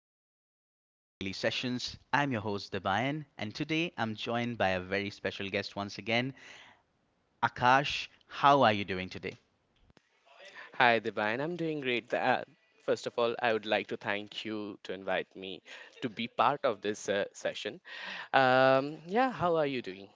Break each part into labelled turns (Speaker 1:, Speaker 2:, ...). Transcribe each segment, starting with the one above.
Speaker 1: everyone. You're listening to Daily Sessions. I'm your host, Debayan, and today I'm joined by a very special guest once again, Akash. How are you doing today?
Speaker 2: Hi, Divine. I'm doing great. First of all, I would like to thank you to invite me to be part of this session. Yeah, how are you doing?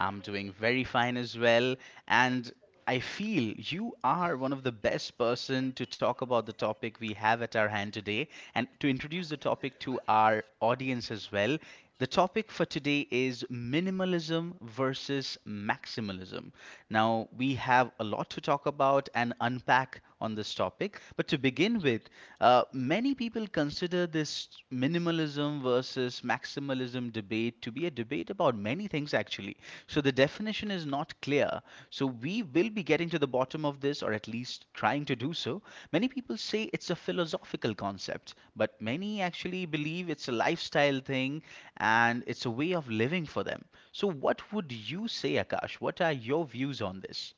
Speaker 1: I'm doing very fine as well, and I feel you are one of the best person to talk about the topic we have at our hand today and to introduce the topic to our audience as well. The topic for today is minimalism versus maximalism. Now, we have a lot to talk about and unpack on this topic. But to begin with, many people consider this minimalism versus maximalism debate to be a debate about many things actually. So the definition is not clear. So we will be getting to the bottom of this, or at least trying to do so. Many people say it's a philosophical concept, but many actually believe it's a lifestyle thing and it's a way of living for them. So, what would you say, Akash? What are your views on this?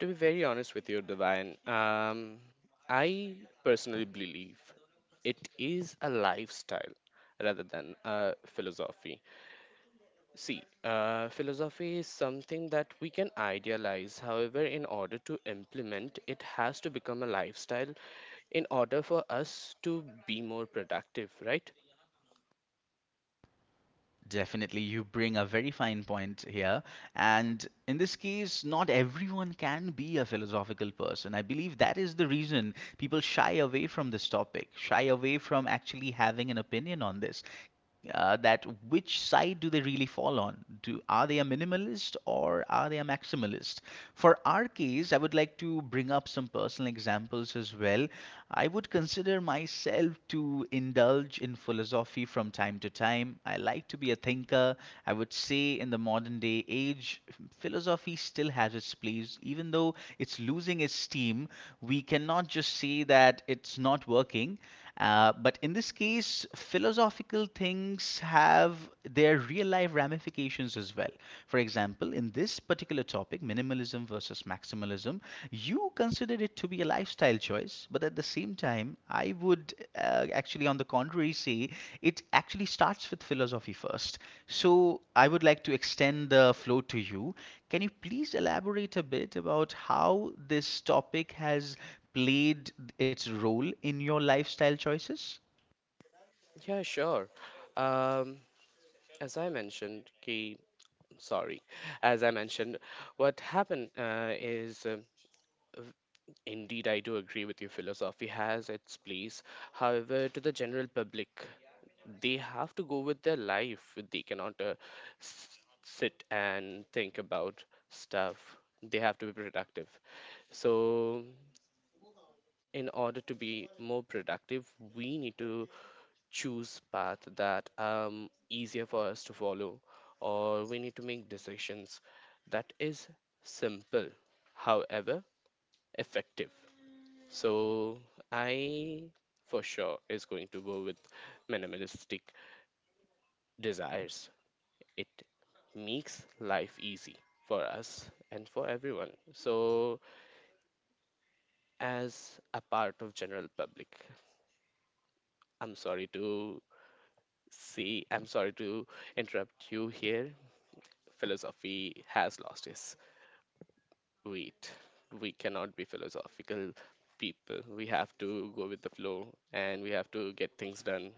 Speaker 2: To be very honest with you, Divine, I personally believe it is a lifestyle rather than a philosophy. See, philosophy is something that we can idealize. However, in order to implement, it has to become a lifestyle in order for us to be more productive, right?
Speaker 1: Definitely, you bring a very fine point here. And in this case, not everyone can be a philosophical person. I believe that is the reason people shy away from this topic, shy away from actually having an opinion on this. That which side do they really fall on? Do are they a minimalist or are they a maximalist? For our case, I would like to bring up some personal examples as well. I would consider myself to indulge in philosophy from time to time. I like to be a thinker. I would say in the modern day age, philosophy still has its place, even though it's losing its steam. We cannot just say that it's not working. But in this case, philosophical things have their real life ramifications as well. For example, in this particular topic, minimalism versus maximalism, you considered it to be a lifestyle choice, but at the same time, I would actually, on the contrary, say it actually starts with philosophy first. So I would like to extend the flow to you. Can you please elaborate a bit about how this topic has played its role in your lifestyle choices?
Speaker 2: Yeah, sure. Um, as I mentioned, ki, sorry, as I mentioned, what happened is. Um Indeed, I do agree with you. Philosophy has its place. However, to the general public, they have to go with their life. They cannot sit and think about stuff. They have to be productive. So, in order to be more productive, we need to choose path that easier for us to follow, or we need to make decisions that is simple, however effective. So I for sure is going to go with minimalistic desires. It makes life easy for us and for everyone. So as a part of general public, I'm sorry to I'm sorry to interrupt you here. Philosophy has lost its weight. We cannot be philosophical people. We have to go with the flow and we have to get things done.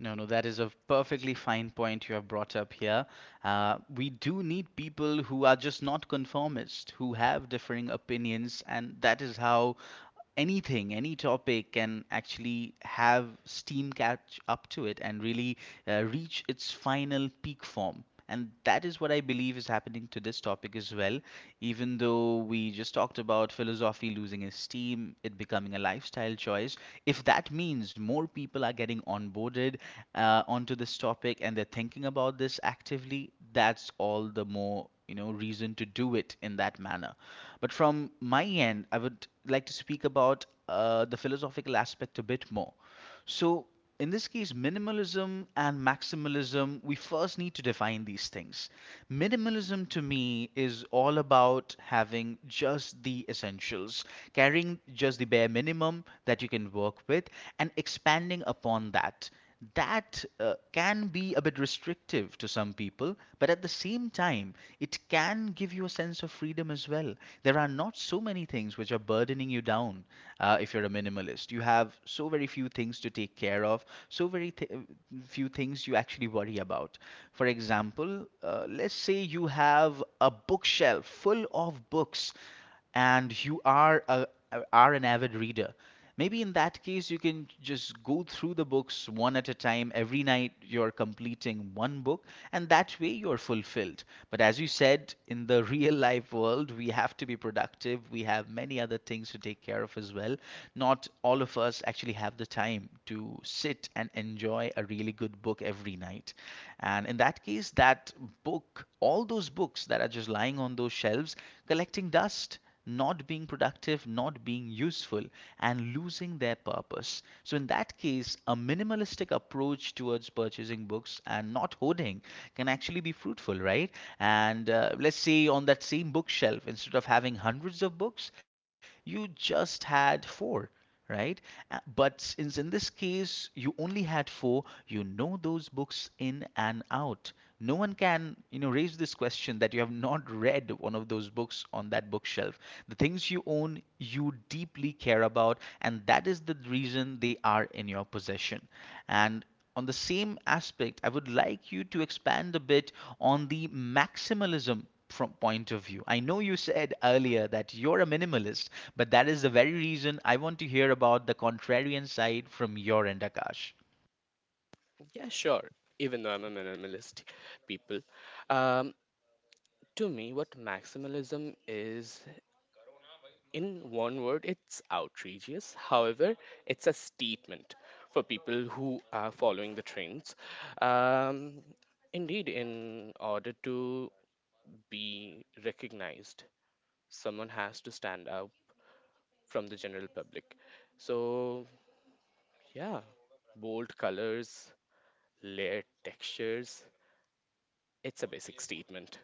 Speaker 1: No, no, that is a perfectly fine point you have brought up here. We do need people who are just not conformist, who have differing opinions, and that is how anything, any topic can actually have steam catch up to it and really reach its final peak form. And that is what I believe is happening to this topic as well. Even though we just talked about philosophy losing its steam, it becoming a lifestyle choice, if that means more people are getting onboarded onto this topic and they're thinking about this actively, that's all the more reason to do it in that manner. But from my end, I would like to speak about the philosophical aspect a bit more. So, in this case, minimalism and maximalism, we first need to define these things. Minimalism to me is all about having just the essentials, carrying just the bare minimum that you can work with, and expanding upon that. That can be a bit restrictive to some people, but at the same time, it can give you a sense of freedom as well. There are not so many things which are burdening you down if you're a minimalist. You have so very few things to take care of, so very few things you actually worry about. For example, let's say you have a bookshelf full of books and are an avid reader. Maybe in that case, you can just go through the books one at a time. Every night, you're completing one book, and that way you're fulfilled. But as you said, in the real life world, we have to be productive. We have many other things to take care of as well. Not all of us actually have the time to sit and enjoy a really good book every night. And in that case, that book, all those books that are just lying on those shelves, collecting dust, not being productive, not being useful, and losing their purpose. So, in that case, a minimalistic approach towards purchasing books and not hoarding can actually be fruitful, right? And let's say on that same bookshelf, instead of having hundreds of books, you just had four, right? But since in this case you only had four, you know those books in and out. No one can, you know, raise this question that you have not read one of those books on that bookshelf. The things you own, you deeply care about, and that is the reason they are in your possession. And on the same aspect, I would like you to expand a bit on the maximalism from point of view. I know you said earlier that you're a minimalist, but that is the very reason I want to hear about the contrarian side from your end, Akash.
Speaker 2: Yeah, sure. Even though I'm a minimalist people, um, to me, what maximalism is, in one word, it's outrageous. However, it's a statement for people who are following the trends. Um, Indeed, in order to be recognized, someone has to stand out from the general public. So, yeah, bold colors, layered textures, it's a basic statement.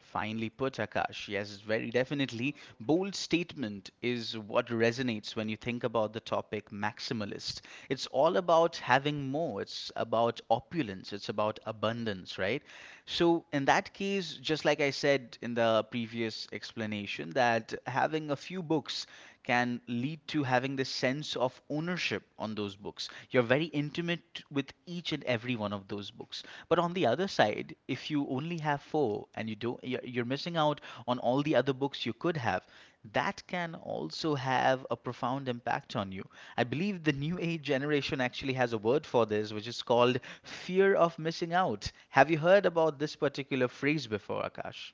Speaker 1: Finally, put, Akash. Yes, very definitely. Bold statement is what resonates when you think about the topic maximalist. It's all about having more, it's about opulence, it's about abundance, right? So, in that case, just like I said in the previous explanation, that having a few books can lead to having this sense of ownership on those books. You're very intimate with each and every one of those books. But on the other side, if you only have four and you don't, you're missing out on all the other books you could have. That can also have a profound impact on you. I believe the new age generation actually has a word for this, which is called fear of missing out. Have you heard about this particular phrase before, Akash?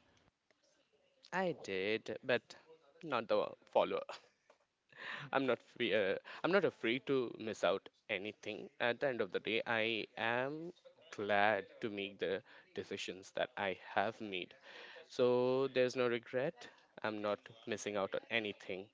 Speaker 2: I did, but not the follower. I'm not free. I'm not afraid to miss out anything. At the end of the day, I am glad to make the decisions that I have made. So there's no regret. I'm not missing out on anything.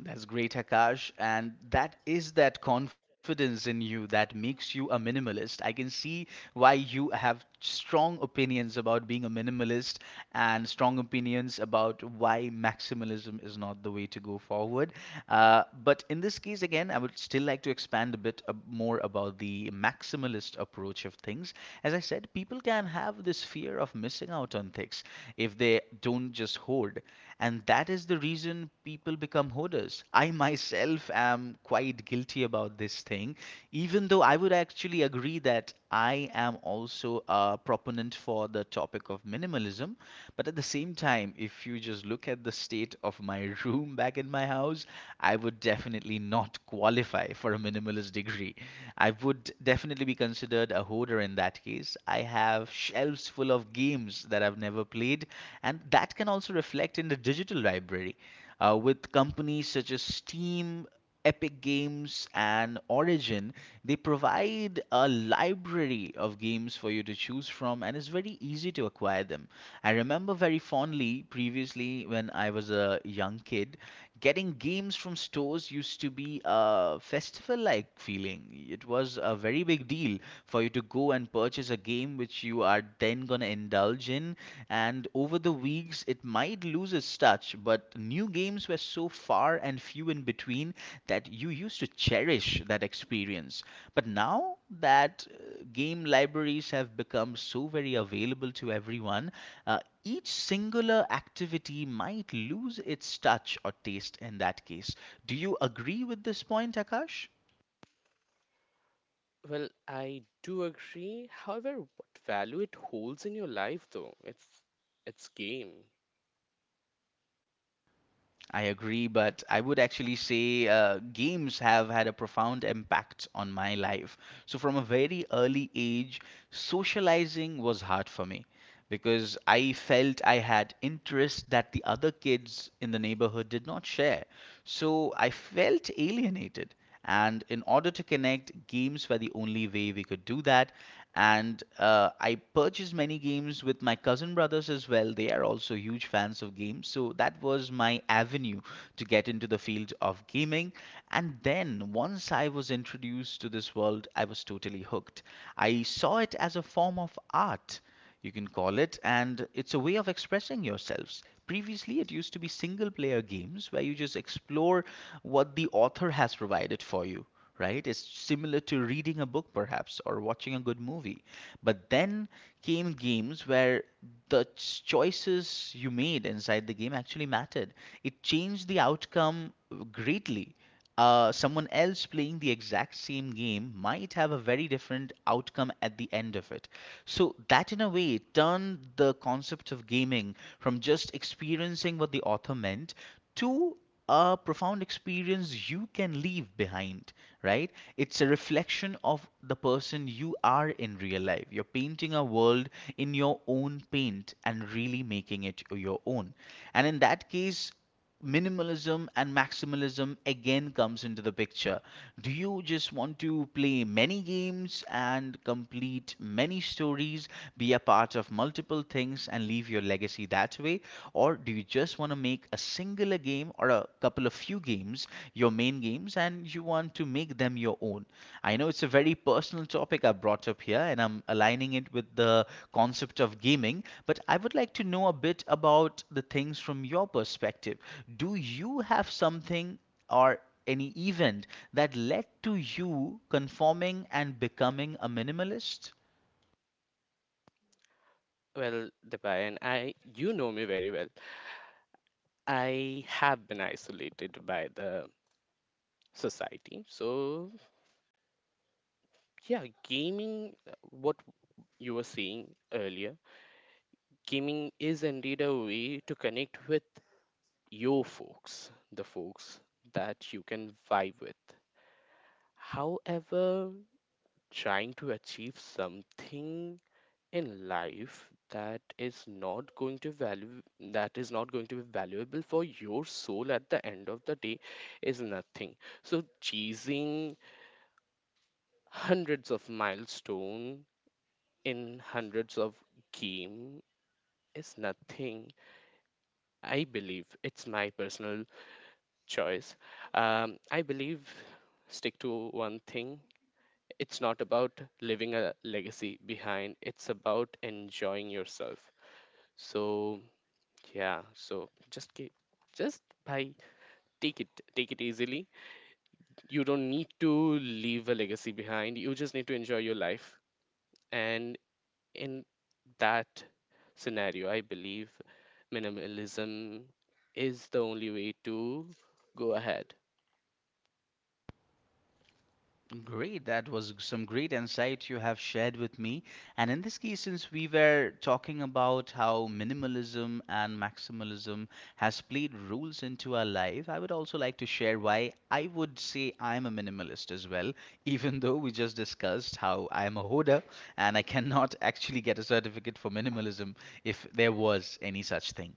Speaker 1: That's great, Akash. And that is that confidence in you that makes you a minimalist. I can see why you have strong opinions about being a minimalist and strong opinions about why maximalism is not the way to go forward. But in this case, again, I would still like to expand a bit more about the maximalist approach of things. As I said, people can have this fear of missing out on things if they don't just hoard. And that is the reason people become hoarders. I myself am quite guilty about this thing, even though I would actually agree that I am also a proponent for the topic of minimalism. But at the same time, if you just look at state of my room back in my house, I would definitely not qualify for a minimalist degree. I would definitely be considered a hoarder in that case. I have shelves full of games that I've never played, and that can also reflect in the digital library. With companies such as Steam, Epic Games and Origin, they provide a library of games for you to choose from, and it's very easy to acquire them. I remember very fondly previously when I was a young kid, getting games from stores used to be a festival like feeling. It was a very big deal for you to go and purchase a game which you are then going to indulge in. And over the weeks, it might lose its touch, but new games were so far and few in between that you used to cherish that experience. But now that game libraries have become so very available to everyone, uh, each singular activity might lose its touch or taste in that case. Do you agree with this point, Akash?
Speaker 2: Well, I do agree. However, what value it holds in your life, though, it's game.
Speaker 1: I agree, but I would actually say games have had a profound impact on my life. So, from a very early age, socializing was hard for me because I felt I had interests that the other kids in the neighborhood did not share. So, I felt alienated. And in order to connect, games were the only way we could do that. And I purchased many games with my cousin brothers as well. They are also huge fans of games. So that was my avenue to get into the field of gaming. And then once I was introduced to this world, I was totally hooked. I saw it as a form of art you can call it, and it's a way of expressing yourselves. Previously, it used to be single player games where you just explore what the author has provided for you, right? It's similar to reading a book, perhaps, or watching a good movie. But then came games where the choices you made inside the game actually mattered, it changed the outcome greatly. Someone else playing the exact same game might have a very different outcome at the end of it. So that in a way turned the concept of gaming from just experiencing what the author meant to a profound experience you can leave behind, right? It's a reflection of the person you are in real life. You're painting a world in your own paint and really making it your own. And in that case, minimalism and maximalism again comes into the picture. Do you just want to play many games and complete many stories, be a part of multiple things and leave your legacy that way? Or do you just want to make a singular game or a couple of few games your main games and you want to make them your own. I know it's a very personal topic I brought up here, and I'm aligning it with the concept of gaming, but I would like to know a bit about the things from your perspective. Do you have something or any event that led to you conforming and becoming a minimalist?
Speaker 2: Well, Dipayan, I you know me very well. I have been isolated by the society. So, yeah, gaming, what you were saying earlier, gaming is indeed a way to connect with your folks, the folks that you can vibe with. However, trying to achieve something in life that is not going to be valuable for your soul at the end of the day is nothing. So chasing hundreds of milestone in hundreds of game is nothing. I believe it's my personal choice. I believe stick to one thing. It's not about leaving a legacy behind. It's about enjoying yourself. So yeah. So just keep just by take it easily. You don't need to leave a legacy behind. You just need to enjoy your life, and in that scenario, I believe minimalism is the only way to go ahead.
Speaker 1: Great. That was some great insight you have shared with me. And in this case, since we were talking about how minimalism and maximalism has played roles into our life, I would also like to share why I would say I'm a minimalist as well, even though we just discussed how I'm a hoarder and I cannot actually get a certificate for minimalism if there was any such thing.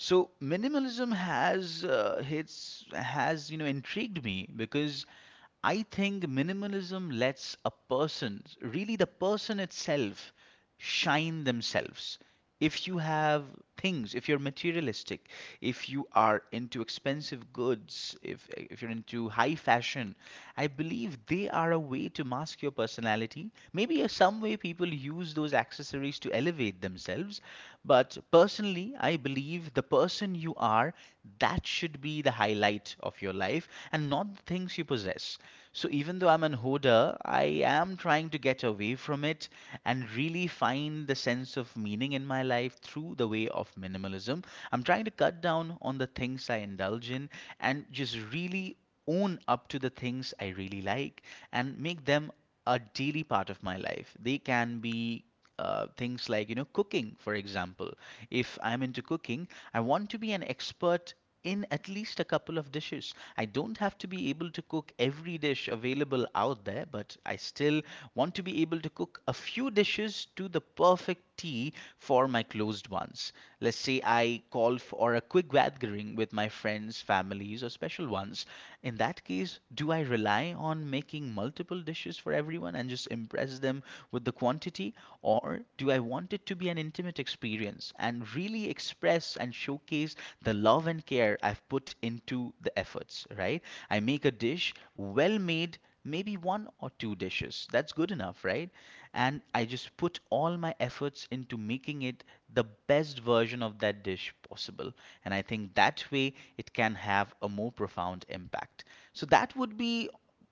Speaker 1: So minimalism has hits has you know intrigued me because I think minimalism lets a person, really the person itself, shine themselves. If you have things, if you're materialistic, if you are into expensive goods, if you're into high fashion, I believe they are a way to mask your personality. Maybe some way people use those accessories to elevate themselves. But personally, I believe the person you are, that should be the highlight of your life and not the things you possess. So even though I'm an hoarder, I am trying to get away from it and really find the sense of meaning in my life through the way of minimalism. I'm trying to cut down on the things I indulge in and just really own up to the things I really like and make them a daily part of my life. They can be things like, you know, cooking, for example. If I'm into cooking, I want to be an expert in at least a couple of dishes. I don't have to be able to cook every dish available out there, but I still want to be able to cook a few dishes to the perfect tea for my closed ones. Let's say I call for a quick gathering with my friends, families, or special ones. In that case, do I rely on making multiple dishes for everyone and just impress them with the quantity? Or do I want it to be an intimate experience and really express and showcase the love and care I've put into the efforts, right? I make a dish well made maybe one or two dishes. That's good enough, right? And I just put all my efforts into making it the best version of that dish possible. And I think that way it can have a more profound impact. So that would be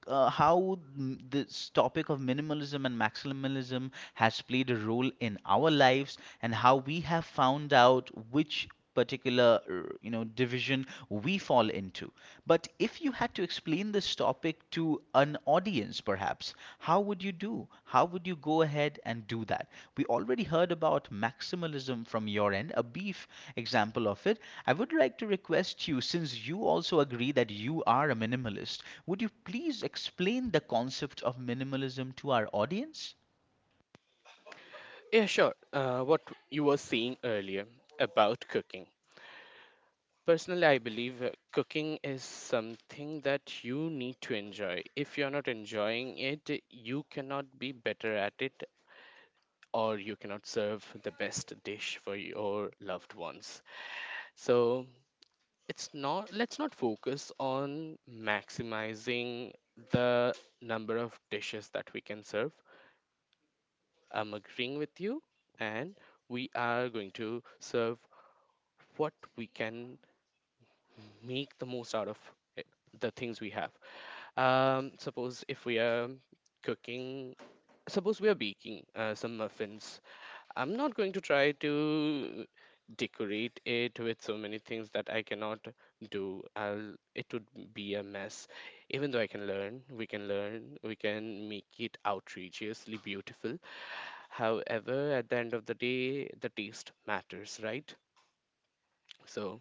Speaker 1: this topic of minimalism and maximalism has played a role in our lives and how we have found out which particular you know division we fall into, but if you had to explain this topic to an audience perhaps else. How would you do? How would you go ahead and do that? We already heard about maximalism from your end, a beef example of it. I would like to request you, since you also agree that you are a minimalist, would you please explain the concept of minimalism to our audience?
Speaker 2: Yeah, sure. What you were saying earlier about cooking. Personally, I believe cooking is something that you need to enjoy. If you're not enjoying it, you cannot be better at it or you cannot serve the best dish for your loved ones. So, it's not let's not focus on maximizing the number of dishes that we can serve. I'm agreeing with you, and we are going to serve what we can, make the most out of it, the things we have. Suppose if we are cooking, suppose we are baking some muffins, I'm not going to try to decorate it with so many things that I cannot do. It would be a mess. Even though I can learn, we can learn, we can make it outrageously beautiful. However, at the end of the day, the taste matters, right? So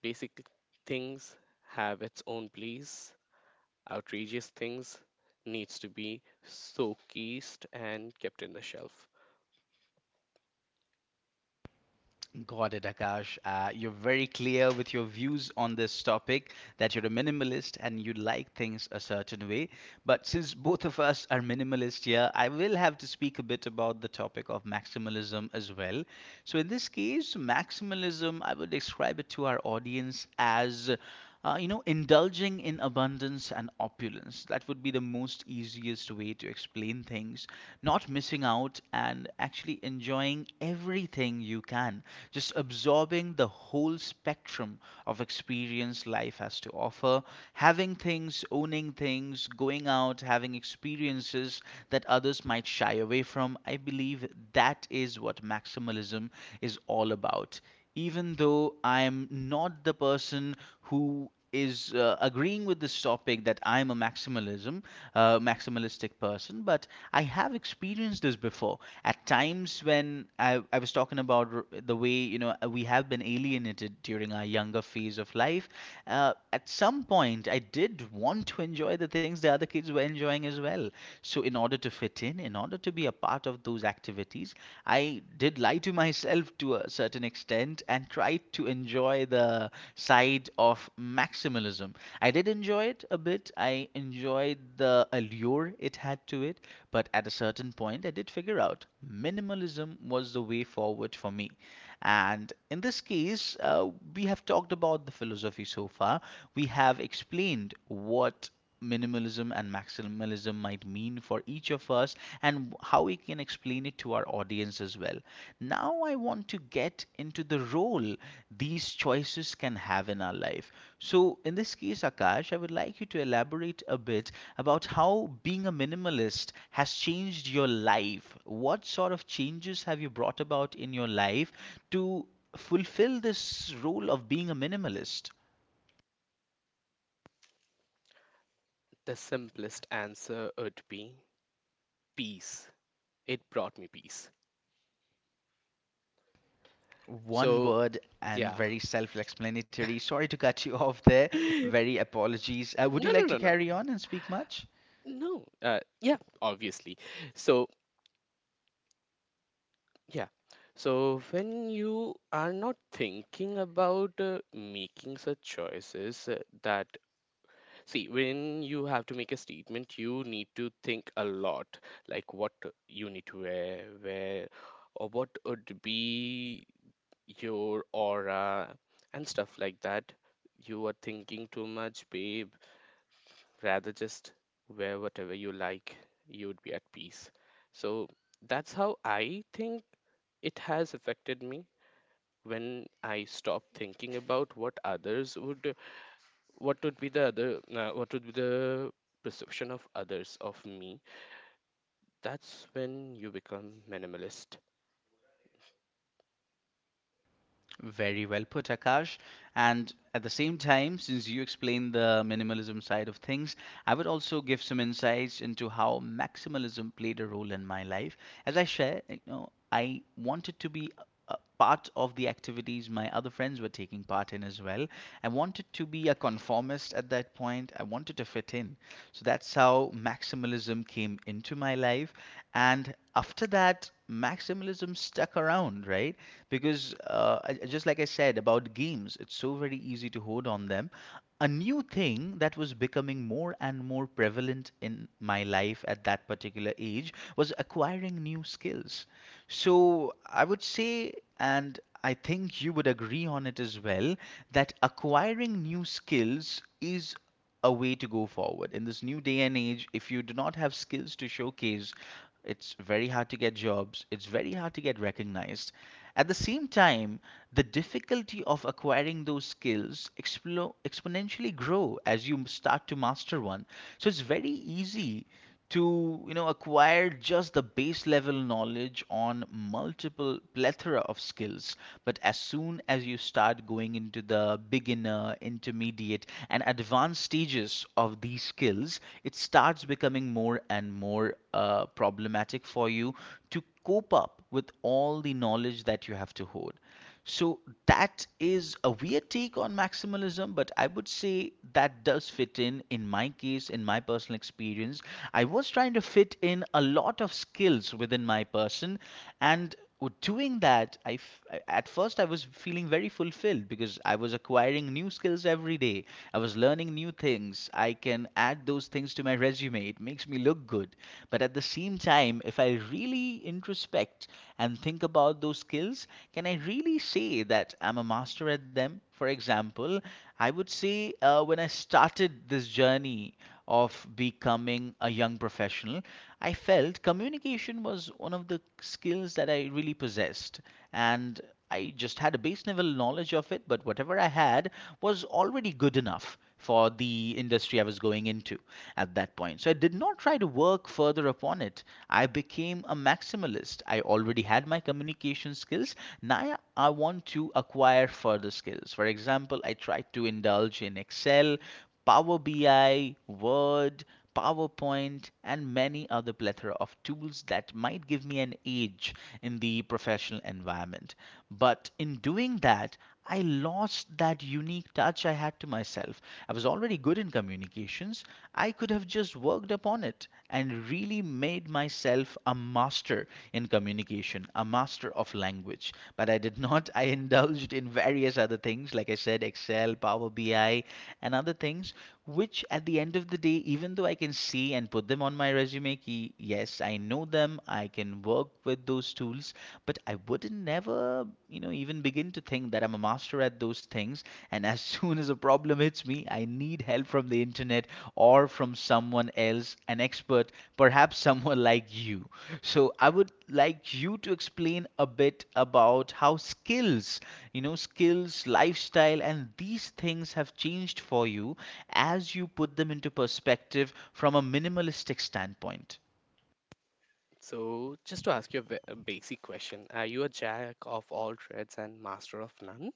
Speaker 2: basic things have its own place. Outrageous things needs to be showcased and kept in the shelf.
Speaker 1: Got it, Akash. You're very clear with your views on this topic that you're a minimalist and you like things a certain way. But since both of us are minimalist here, I will have to speak a bit about the topic of maximalism as well. So, in this case, maximalism, I would describe it to our audience as you know, indulging in abundance and opulence. That would be the most easiest way to explain things. Not missing out and actually enjoying everything you can. Just absorbing the whole spectrum of experience life has to offer. Having things, owning things, going out, having experiences that others might shy away from. I believe that is what maximalism is all about, even though I'm not the person who is agreeing with this topic that I'm a maximalism, maximalistic person, but I have experienced this before. At times when I was talking about the way you know we have been alienated during our younger phase of life, at some point I did want to enjoy the things the other kids were enjoying as well. So, in order to fit in order to be a part of those activities, I did lie to myself to a certain extent and tried to enjoy the side of maximalism. I did enjoy it a bit, I enjoyed the allure it had to it, but at a certain point, I did figure out minimalism was the way forward for me. And in this case, we have talked about the philosophy so far, we have explained what minimalism and maximalism might mean for each of us and how we can explain it to our audience as well. Now, I want to get into the role these choices can have in our life. So, in this case, Akash, I would like you to elaborate a bit about how being a minimalist has changed your life. What sort of changes have you brought about in your life to fulfill this role of being a minimalist?
Speaker 2: The simplest answer would be peace. It brought me peace.
Speaker 1: One
Speaker 2: So,
Speaker 1: word and
Speaker 2: yeah.
Speaker 1: very self-explanatory. Sorry to cut you off there. Very apologies. Would
Speaker 2: No,
Speaker 1: you
Speaker 2: no,
Speaker 1: like to
Speaker 2: no, no.
Speaker 1: carry on and speak much?
Speaker 2: No. Yeah, obviously. So, yeah. So, when you are not thinking about making such choices that See, when you have to make a statement, you need to think a lot, like what you need to wear, where, or what would be your aura and stuff like that. You are thinking too much, babe. Rather just wear whatever you like. You would be at peace. So that's how I think it has affected me when I stopped thinking about what would be the perception of others of me. That's when you become minimalist.
Speaker 1: Very well put, Akash. And at the same time, since you explained the minimalism side of things, I would also give some insights into how maximalism played a role in my life. As I share, you know, I wanted to be a part of the activities my other friends were taking part in as well. I wanted to be a conformist at that point. I wanted to fit in. So that's how maximalism came into my life. And after that, maximalism stuck around, right? Because just like I said about games, it's so very easy to hold on them, a new thing that was becoming more and more prevalent in my life at that particular age was acquiring new skills. So I would say, and I think you would agree on it as well, that acquiring new skills is a way to go forward. In this new day and age, if you do not have skills to showcase, it's very hard to get jobs, it's very hard to get recognized. At the same time, the difficulty of acquiring those skills exponentially grow as you start to master one. So it's very easy to you know acquire just the base level knowledge on multiple plethora of skills, but as soon as you start going into the beginner, intermediate and advanced stages of these skills, it starts becoming more and more problematic for you to cope up with all the knowledge that you have to hold. So that is a weird take on maximalism, but I would say that does fit in. In my case, in my personal experience, I was trying to fit in a lot of skills within my person, and doing that, at first I was feeling very fulfilled because I was acquiring new skills every day. I was learning new things. I can add those things to my resume. It makes me look good. But at the same time, if I really introspect and think about those skills, can I really say that I'm a master at them? For example, I would say when I started this journey of becoming a young professional, I felt communication was one of the skills that I really possessed. And I just had a base level knowledge of it, but whatever I had was already good enough for the industry I was going into at that point. So I did not try to work further upon it. I became a maximalist. I already had my communication skills. Now I want to acquire further skills. For example, I tried to indulge in Excel, Power BI, Word, PowerPoint, and many other plethora of tools that might give me an edge in the professional environment. But in doing that, I lost that unique touch I had to myself. I was already good in communications. I could have just worked upon it and really made myself a master in communication, a master of language. But I did not. I indulged in various other things, like I said, Excel, Power BI, and other things, which at the end of the day, even though I can see and put them on my resume, ki, yes, I know them, I can work with those tools, things but I would never even begin to think that I'm a master at those things. And as soon as a problem hits me, I need help from the internet or from someone else, an expert, perhaps someone like you. So I would like you to explain a bit about how skills, skills, lifestyle and these things have changed for you, as you put them into perspective from a minimalistic standpoint.
Speaker 2: So just to ask you a basic question, are you a jack of all trades and master of none?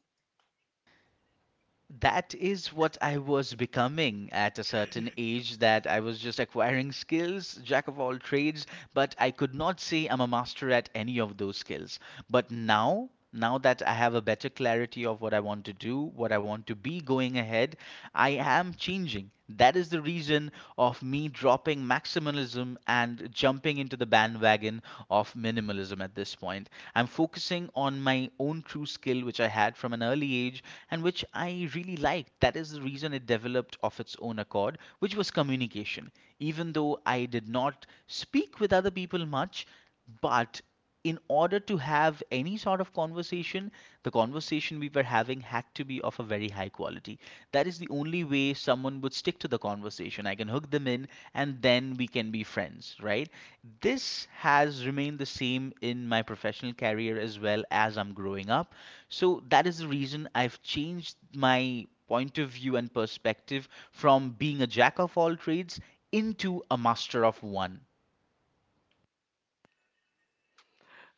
Speaker 1: That is what I was becoming at a certain age, that I was just acquiring skills, jack of all trades, but I could not say I'm a master at any of those skills. But now, now that I have a better clarity of what I want to do, what I want to be going ahead, I am changing. That is the reason of me dropping maximalism and jumping into the bandwagon of minimalism at this point. I'm focusing on my own true skill, which I had from an early age and which I really liked. That is the reason it developed of its own accord, which was communication. Even though I did not speak with other people much, but in order to have any sort of conversation, the conversation we were having had to be of a very high quality. That is the only way someone would stick to the conversation. I can hook them in and then we can be friends, right? This has remained the same in my professional career as well as I'm growing up. So that is the reason I've changed my point of view and perspective from being a jack of all trades into a master of one.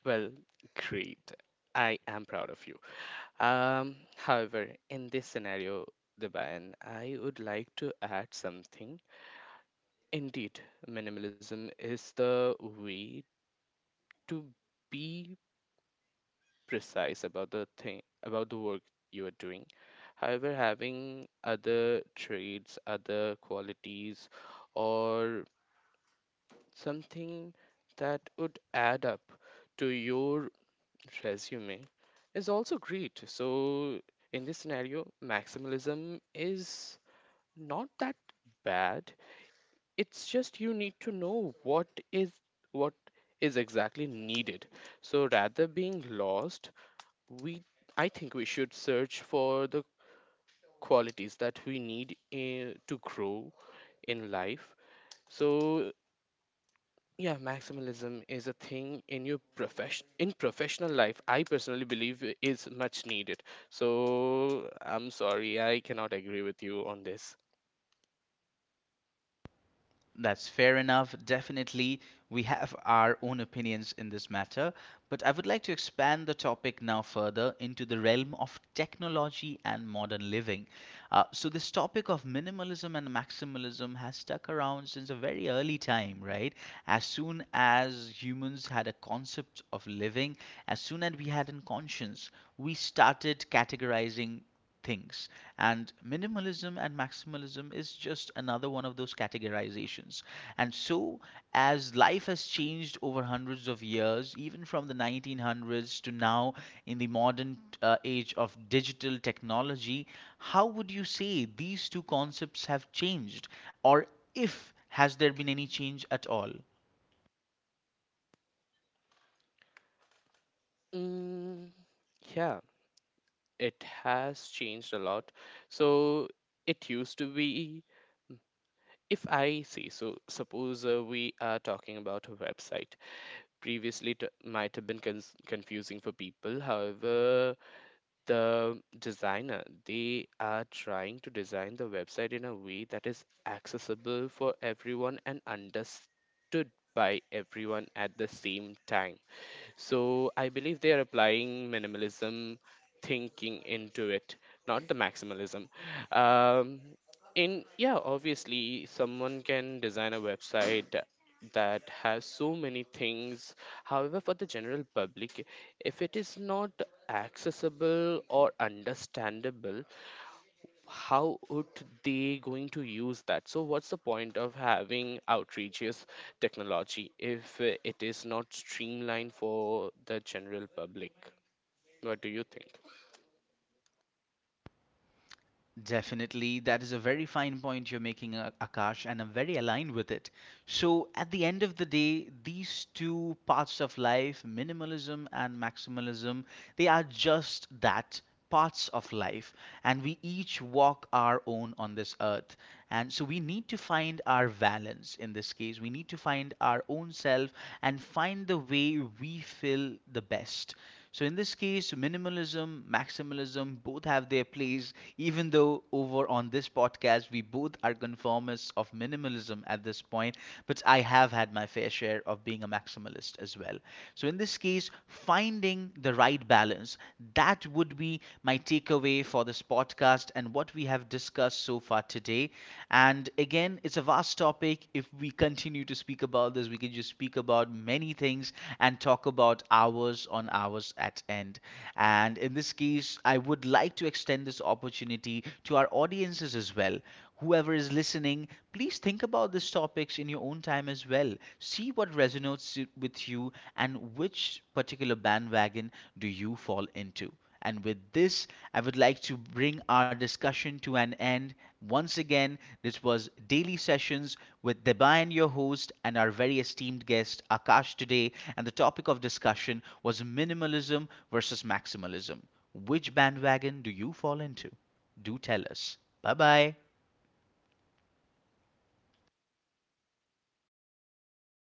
Speaker 2: Well, great. I am proud of you. However, in this scenario, Deban, I would like to add something. Indeed, minimalism is the way to be precise about the thing about the work you are doing. However, having other traits, other qualities, or something that would add up to your resume is also great. So, in this scenario, maximalism is not that bad. It's just you need to know what is exactly needed. So rather being lost, we I think we should search for the qualities that we need to grow in life. So yeah, maximalism is a thing in professional life, I personally believe is much needed. So I'm sorry I cannot agree with you on this.
Speaker 1: That's fair enough. Definitely, we have our own opinions in this matter, but I would like to expand the topic now further into the realm of technology and modern living. So, this topic of minimalism and maximalism has stuck around since a very early time, right? As soon as humans had a concept of living, as soon as we had a conscience, we started categorizing things, and minimalism and maximalism is just another one of those categorizations. And so, as life has changed over hundreds of years, even from the 1900s to now, in the modern age of digital technology, how would you say these two concepts have changed? Or if has there been any change at all?
Speaker 2: mm, yeah, it has changed a lot. So it used to be, if I see, so suppose we are talking about a website. Previously, it might have been cons confusing for people. However, the designer they are trying to design the website in a way that is accessible for everyone and understood by everyone at the same time. So I believe they are applying minimalism thinking into it, not the maximalism. Um in Yeah, obviously someone can design a website that has so many things. However, for the general public, if it is not accessible or understandable, how would they going to use that? So, what's the point of having outrageous technology if it is not streamlined for the general public? What do you think?
Speaker 1: Definitely, that is a very fine point you're making, Akash, and I'm very aligned with it. So, at the end of the day, these two parts of life, minimalism and maximalism, they are just that, parts of life, and we each walk our own on this earth. And so, we need to find our balance in this case. We need to find our own self and find the way we feel the best. So in this case, minimalism, maximalism both have their place, even though over on this podcast we both are conformists of minimalism at this point, but I have had my fair share of being a maximalist as well. So in this case, finding the right balance, that would be my takeaway for this podcast and what we have discussed so far today. And again, it's a vast topic. If we continue to speak about this, we can just speak about many things and talk about hours on hours at end. And in this case, I would like to extend this opportunity to our audiences as well. Whoever is listening, please think about these topics in your own time as well. See what resonates with you and which particular bandwagon do you fall into. And with this, I would like to bring our discussion to an end. Once again, this was Daily Sessions with Debayan, your host, and our very esteemed guest, Akash, today. And the topic of discussion was minimalism versus maximalism. Which bandwagon do you fall into? Do tell us. Bye bye.